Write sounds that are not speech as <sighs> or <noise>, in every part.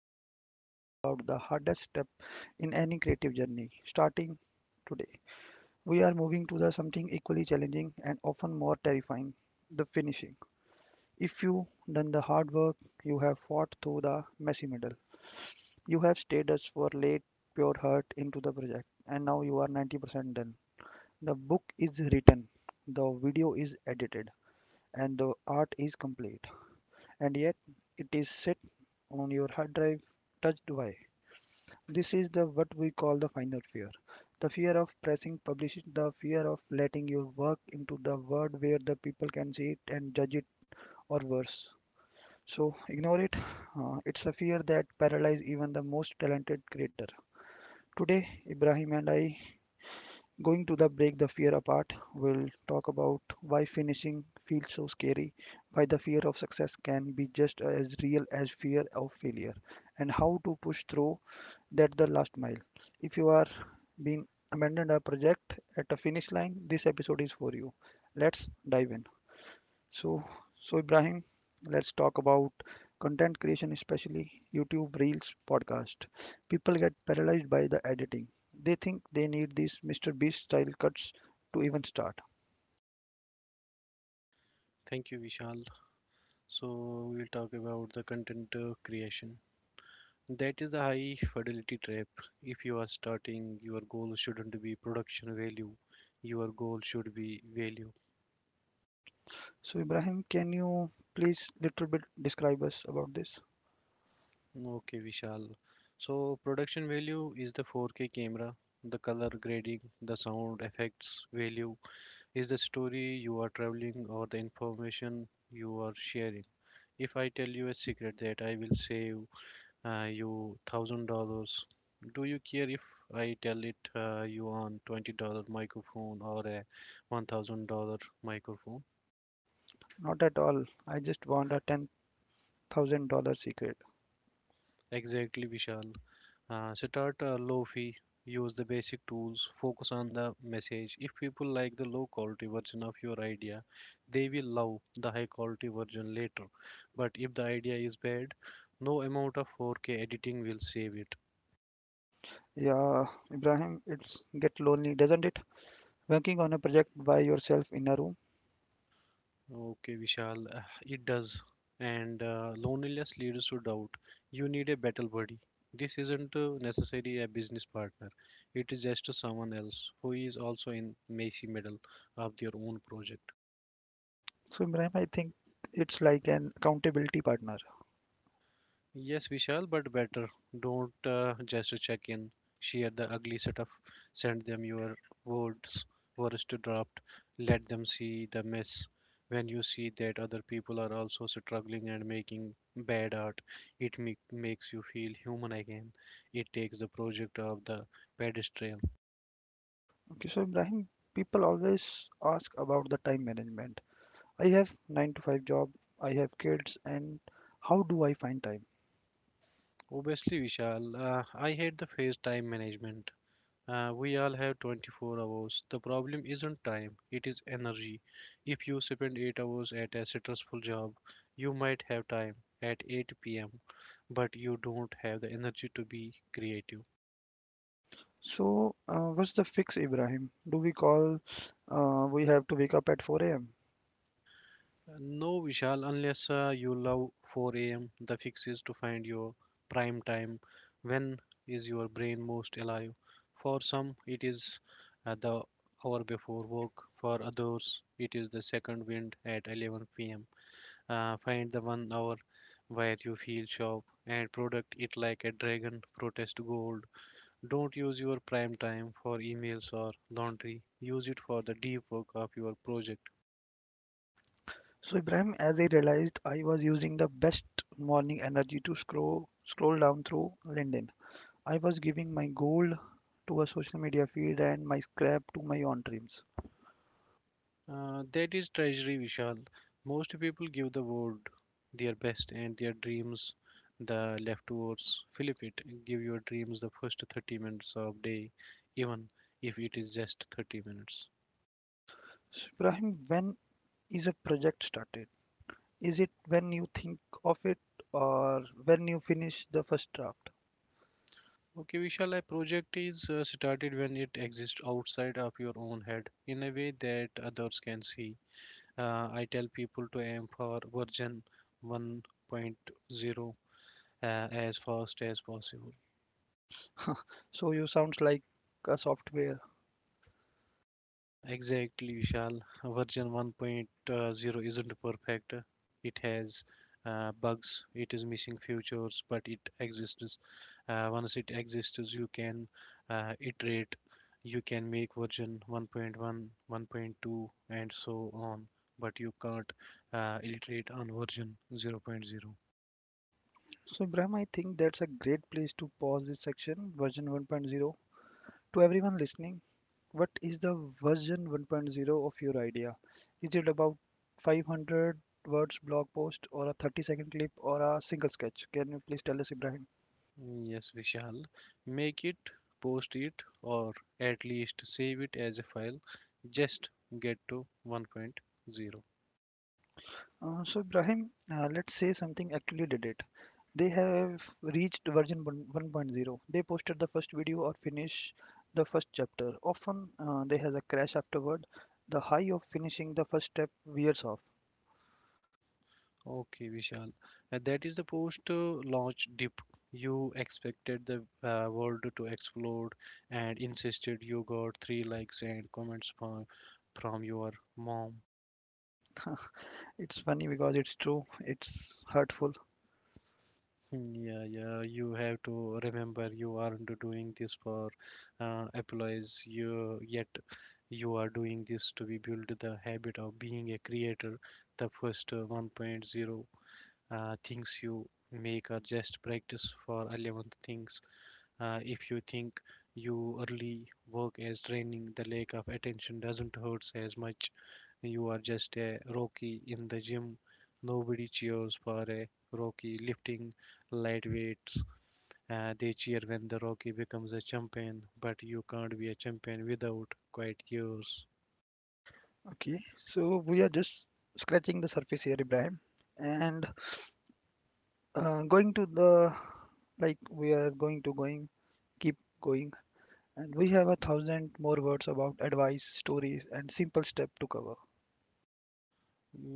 you know we have talked about the hardest step in any creative journey. Starting today, we are moving to the something equally challenging and often more terrifying the finishing. If you done the hard work, you have fought through the messy middle. You have stayed us for late, pure heart into the project, and now you are 90% done. The book is written, the video is edited, and the art is complete. And yet it is set on your hard drive touched by. This is the what we call the final fear. The fear of pressing publish, the fear of letting your work into the world where the people can see it and judge it or worse. So ignore it. It's a fear that paralyzes even the most talented creator. Today, Ibrahim and I Going to the break the fear apart, we'll talk about why finishing feels so scary, why the fear of success can be just as real as fear of failure, and how to push through that the last mile. If you are being abandoned a project at a finish line, this episode is for you. Let's dive in. So, so Ibrahim, let's talk about content creation, especially YouTube Reels podcast. People get paralyzed by the editing. They think they need these Mr. Beast style cuts to even start. Thank you, Vishal. So, we'll talk about the content creation. That is the high fidelity trap. If you are starting, your goal shouldn't be production value, your goal should be value. So, Ibrahim, can you please little bit describe us about this? Okay, Vishal. So, production value is the 4K camera, the color grading, the sound effects value is the story you are traveling or the information you are sharing. If I tell you a secret that I will save you $1,000. Do you care if I tell it you on $20 microphone or a $1,000 microphone? Not at all. I just want a $10,000 secret. Exactly, Vishal. Start a low fee. Use the basic tools. Focus on the message. If people like the low quality version of your idea, they will love the high quality version later. But if the idea is bad, no amount of 4K editing will save it. Yeah, Ibrahim, it's get lonely, doesn't it? Working on a project by yourself in a room. Okay, Vishal, <sighs> it does. And loneliness leads to doubt. You need a battle buddy. This isn't necessarily a business partner. It is just someone else who is also in messy middle of their own project. So, Ibrahim, I think it's like an accountability partner. Yes, Vishal, but better. Don't just check in. Share the ugly setup. Send them your words, words to draft. Let them see the mess. When you see that other people are also struggling and making bad art, makes you feel human again. It takes the project of the pedestal. Okay, so Ibrahim, people always ask about the time management. I have 9 to 5 job, I have kids, and how do I find time? Obviously, Vishal, I hate the face time management. We all have 24 hours. The problem isn't time, it is energy. If you spend 8 hours at a stressful job, you might have time at 8 p.m., but you don't have the energy to be creative. So, what's the fix, Ibrahim? Do we call we have to wake up at 4 a.m.? No, Vishal, unless you love 4 a.m., the fix is to find your prime time. When is your brain most alive? For some, it is the hour before work, for others, it is the second wind at 11 pm. Find the one hour where you feel shop and product it like a dragon protest gold. Don't use your prime time for emails or laundry. Use it for the deep work of your project. So, Ibrahim, as I realized, I was using the best morning energy to scroll down through LinkedIn. I was giving my gold to a social media feed and my scrap to my own dreams. That is treasury, Vishal. Most people give the world their best and their dreams the leftovers. Flip it. Give your dreams the first 30 minutes of day, even if it is just 30 minutes. So, Ibrahim, when is a project started? Is it when you think of it or when you finish the first draft? Okay, Vishal, a project is started when it exists outside of your own head in a way that others can see. I tell people to aim for version 1.0 as fast as possible. So you sounds like a software. Exactly, Vishal. Version 1.0 isn't perfect. It has bugs, it is missing features, but it exists. Once it exists, you can iterate, you can make version 1.1, 1.2, and so on, but you can't iterate on version 0.0. point zero. So Ibrahim, I think that's a great place to pause this section version 1.0. To everyone listening, what is the version 1.0 of your idea? Is it about 500 words blog post or a 30-second clip or a single sketch? Can you please tell us Ibrahim? Yes, Vishal. Make it, post it, or at least save it as a file. Just get to 1.0. So, Ibrahim, let's say something actually did it. They have reached 1.0. They posted the first video or finish the first chapter. Often, they has a crash afterward. The high of finishing the first step wears off. Okay, Vishal. That is the post launch dip. You expected the world to explode and insisted you got three likes and comments from your mom. It's funny because it's true. It's hurtful. Yeah, yeah, you have to remember you aren't doing this for applause you yet you are doing this to be build the habit of being a creator. The first 1.0 things you make are just practice for 11 things if you think you early work as training, the lack of attention doesn't hurt as much. You are just a rookie in the gym. Nobody cheers for a rookie lifting light weights. They cheer when the rookie becomes a champion, but you can't be a champion without quiet years. Okay, so we are just scratching the surface here, Ibrahim, and going to the like we are going to going keep going. And we have a thousand more words about advice, stories, and simple step to cover.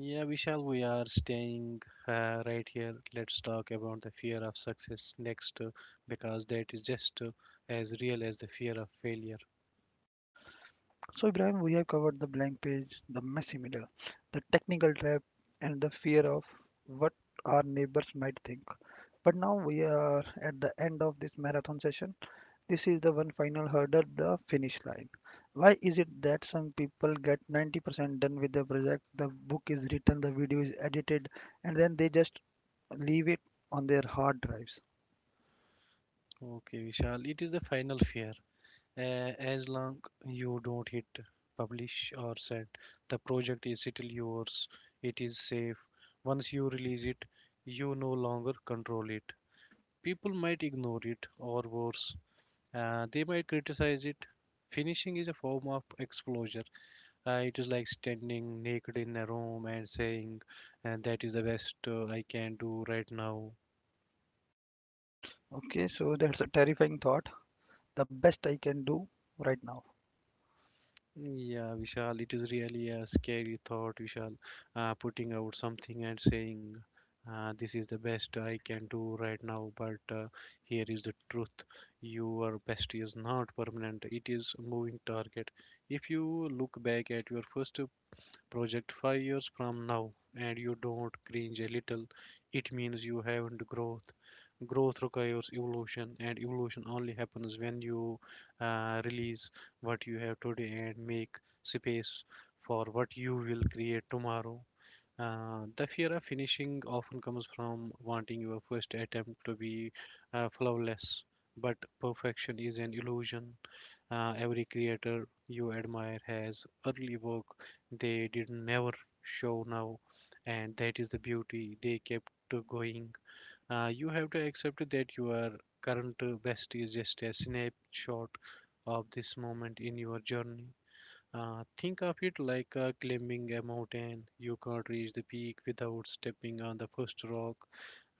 Yeah, Vishal, we are staying right here. Let's talk about the fear of success next, because that is just as real as the fear of failure. So, Ibrahim, we have covered the blank page, the messy middle, the technical trap, and the fear of what our neighbors might think. But now we are at the end of this marathon session. This is the one final hurdle, the finish line. Why is it that some people get 90% done with their project? The book is written, the video is edited, and then they just leave it on their hard drives. Okay, Vishal, it is the final fear. As long you don't hit publish or send, the project is still yours. It is safe. Once you release it, you no longer control it. People might ignore it, or worse, they might criticize it. Finishing is a form of exposure. It is like standing naked in a room and saying, and that is the best I can do right now. Okay, so that's a terrifying thought. The best I can do right now. Yeah, Vishal, it is really a scary thought, Vishal, putting out something and saying, this is the best I can do right now, but here is the truth. Your best is not permanent, it is a moving target. If you look back at your first project 5 years from now and you don't cringe a little, it means you haven't growth. Growth requires evolution, and evolution only happens when you release what you have today and make space for what you will create tomorrow. The fear of finishing often comes from wanting your first attempt to be flawless, but perfection is an illusion. Every creator you admire has early work they did never show now, and that is the beauty they kept going. You have to accept that your current best is just a snapshot of this moment in your journey. Think of it like climbing a mountain. You can't reach the peak without stepping on the first rock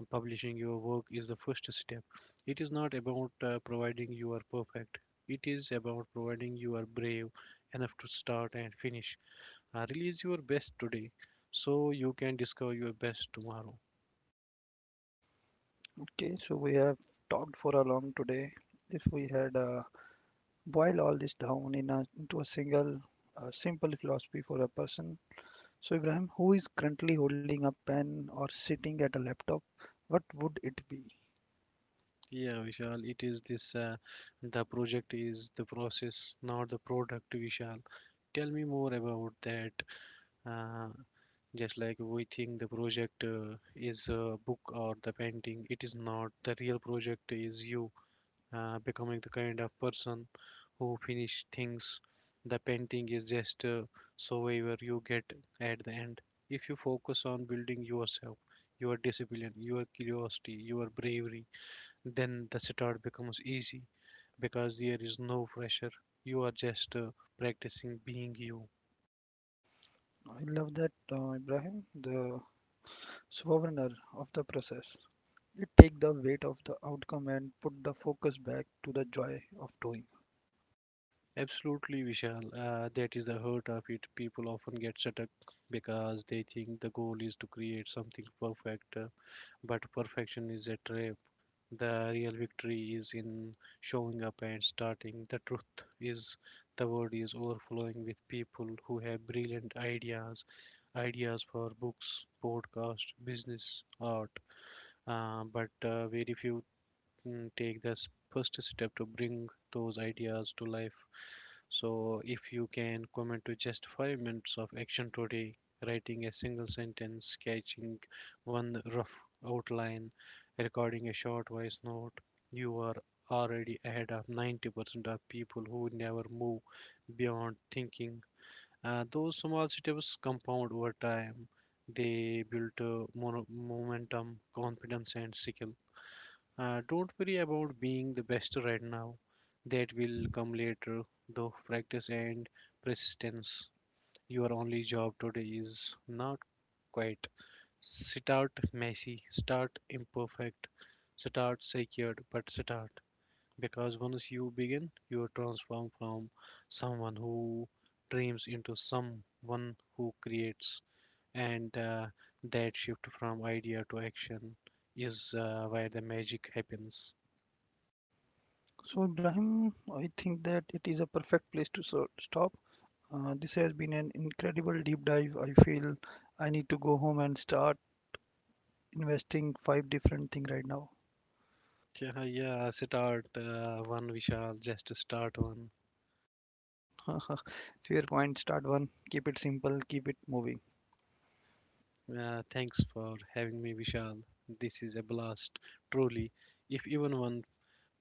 and publishing your work is the first step. It is not about providing you are perfect. It is about providing you are brave enough to start and finish. Release your best today so you can discover your best tomorrow. Okay, so we have talked for a long today. If we had boiled all this down into a single simple philosophy for a person, so Ibrahim, who is currently holding a pen or sitting at a laptop, what would it be? Yeah, Vishal, it is this the project is the process, not the product, Vishal. Tell me more about that. Uh, just like we think the project is a book or the painting, it is not. The real project is you. Uh, becoming the kind of person who finish things. The painting is just a survivor you get at the end. If you focus on building yourself, your discipline, your curiosity, your bravery, then the start becomes easy because there is no pressure. You are just practicing being you. I love that, Ibrahim, the sovereigner of the process. It take the weight of the outcome and put the focus back to the joy of doing. Absolutely, Vishal. That is the hurt of it. People often get stuck because they think the goal is to create something perfect, but perfection is a trap. The real victory is in showing up and starting. The truth is, the world is overflowing with people who have brilliant ideas for books, podcast, business, art, but very few take the first step to bring those ideas to life. So, if you can commit to just 5 minutes of action today, writing a single sentence, sketching one rough outline, recording a short voice note, you are already ahead of 90% of people who never move beyond thinking. Those small steps compound over time. They build momentum, confidence, and skill. Don't worry about being the best right now. That will come later, though practice and persistence. Your only job today is not quite. Start messy, start imperfect, start secured, but start. Because once you begin, you are transformed from someone who dreams into someone who creates. And that shift from idea to action is where the magic happens. So, Ibrahim, I think that it is a perfect place to stop. This has been an incredible deep dive. I feel I need to go home and start investing five different things right now. Yeah, yeah, start one, Vishal. Just start one. <laughs> Fair point. Start one. Keep it simple. Keep it moving. Thanks for having me, Vishal. This is a blast, truly. If even one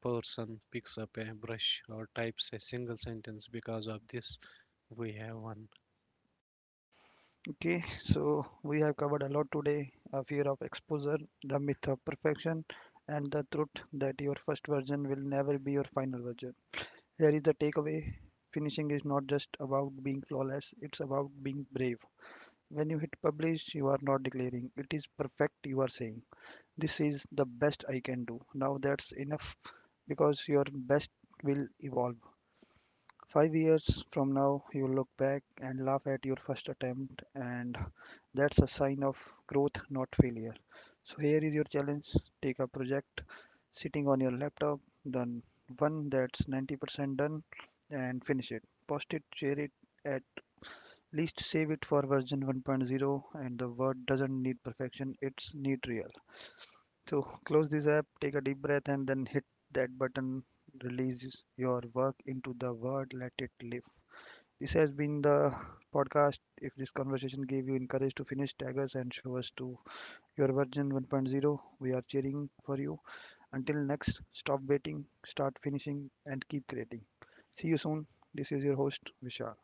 person picks up a brush or types a single sentence because of this, we have one. Okay. So we have covered a lot today. A fear of exposure, the myth of perfection, and the truth that your first version will never be your final version. Here is the takeaway. Finishing is not just about being flawless. It's about being brave. When you hit publish, you are not declaring it is perfect, you are saying this is the best I can do. Now that's enough because your best will evolve. 5 years from now, you look back and laugh at your first attempt, and that's a sign of growth, not failure. So, here is your challenge, take a project sitting on your laptop, done one that's 90% done, and finish it. Post it, share it at least save it for version 1.0, and the word doesn't need perfection, it's need real. So <laughs> close this app, take a deep breath, and then hit that button, release your work into the world, let it live. This has been the podcast. If this conversation gave you encourage to finish, tag us and show us to your version 1.0. We are cheering for you. Until next, stop waiting, start finishing, and keep creating. See you soon. This is your host Vishal.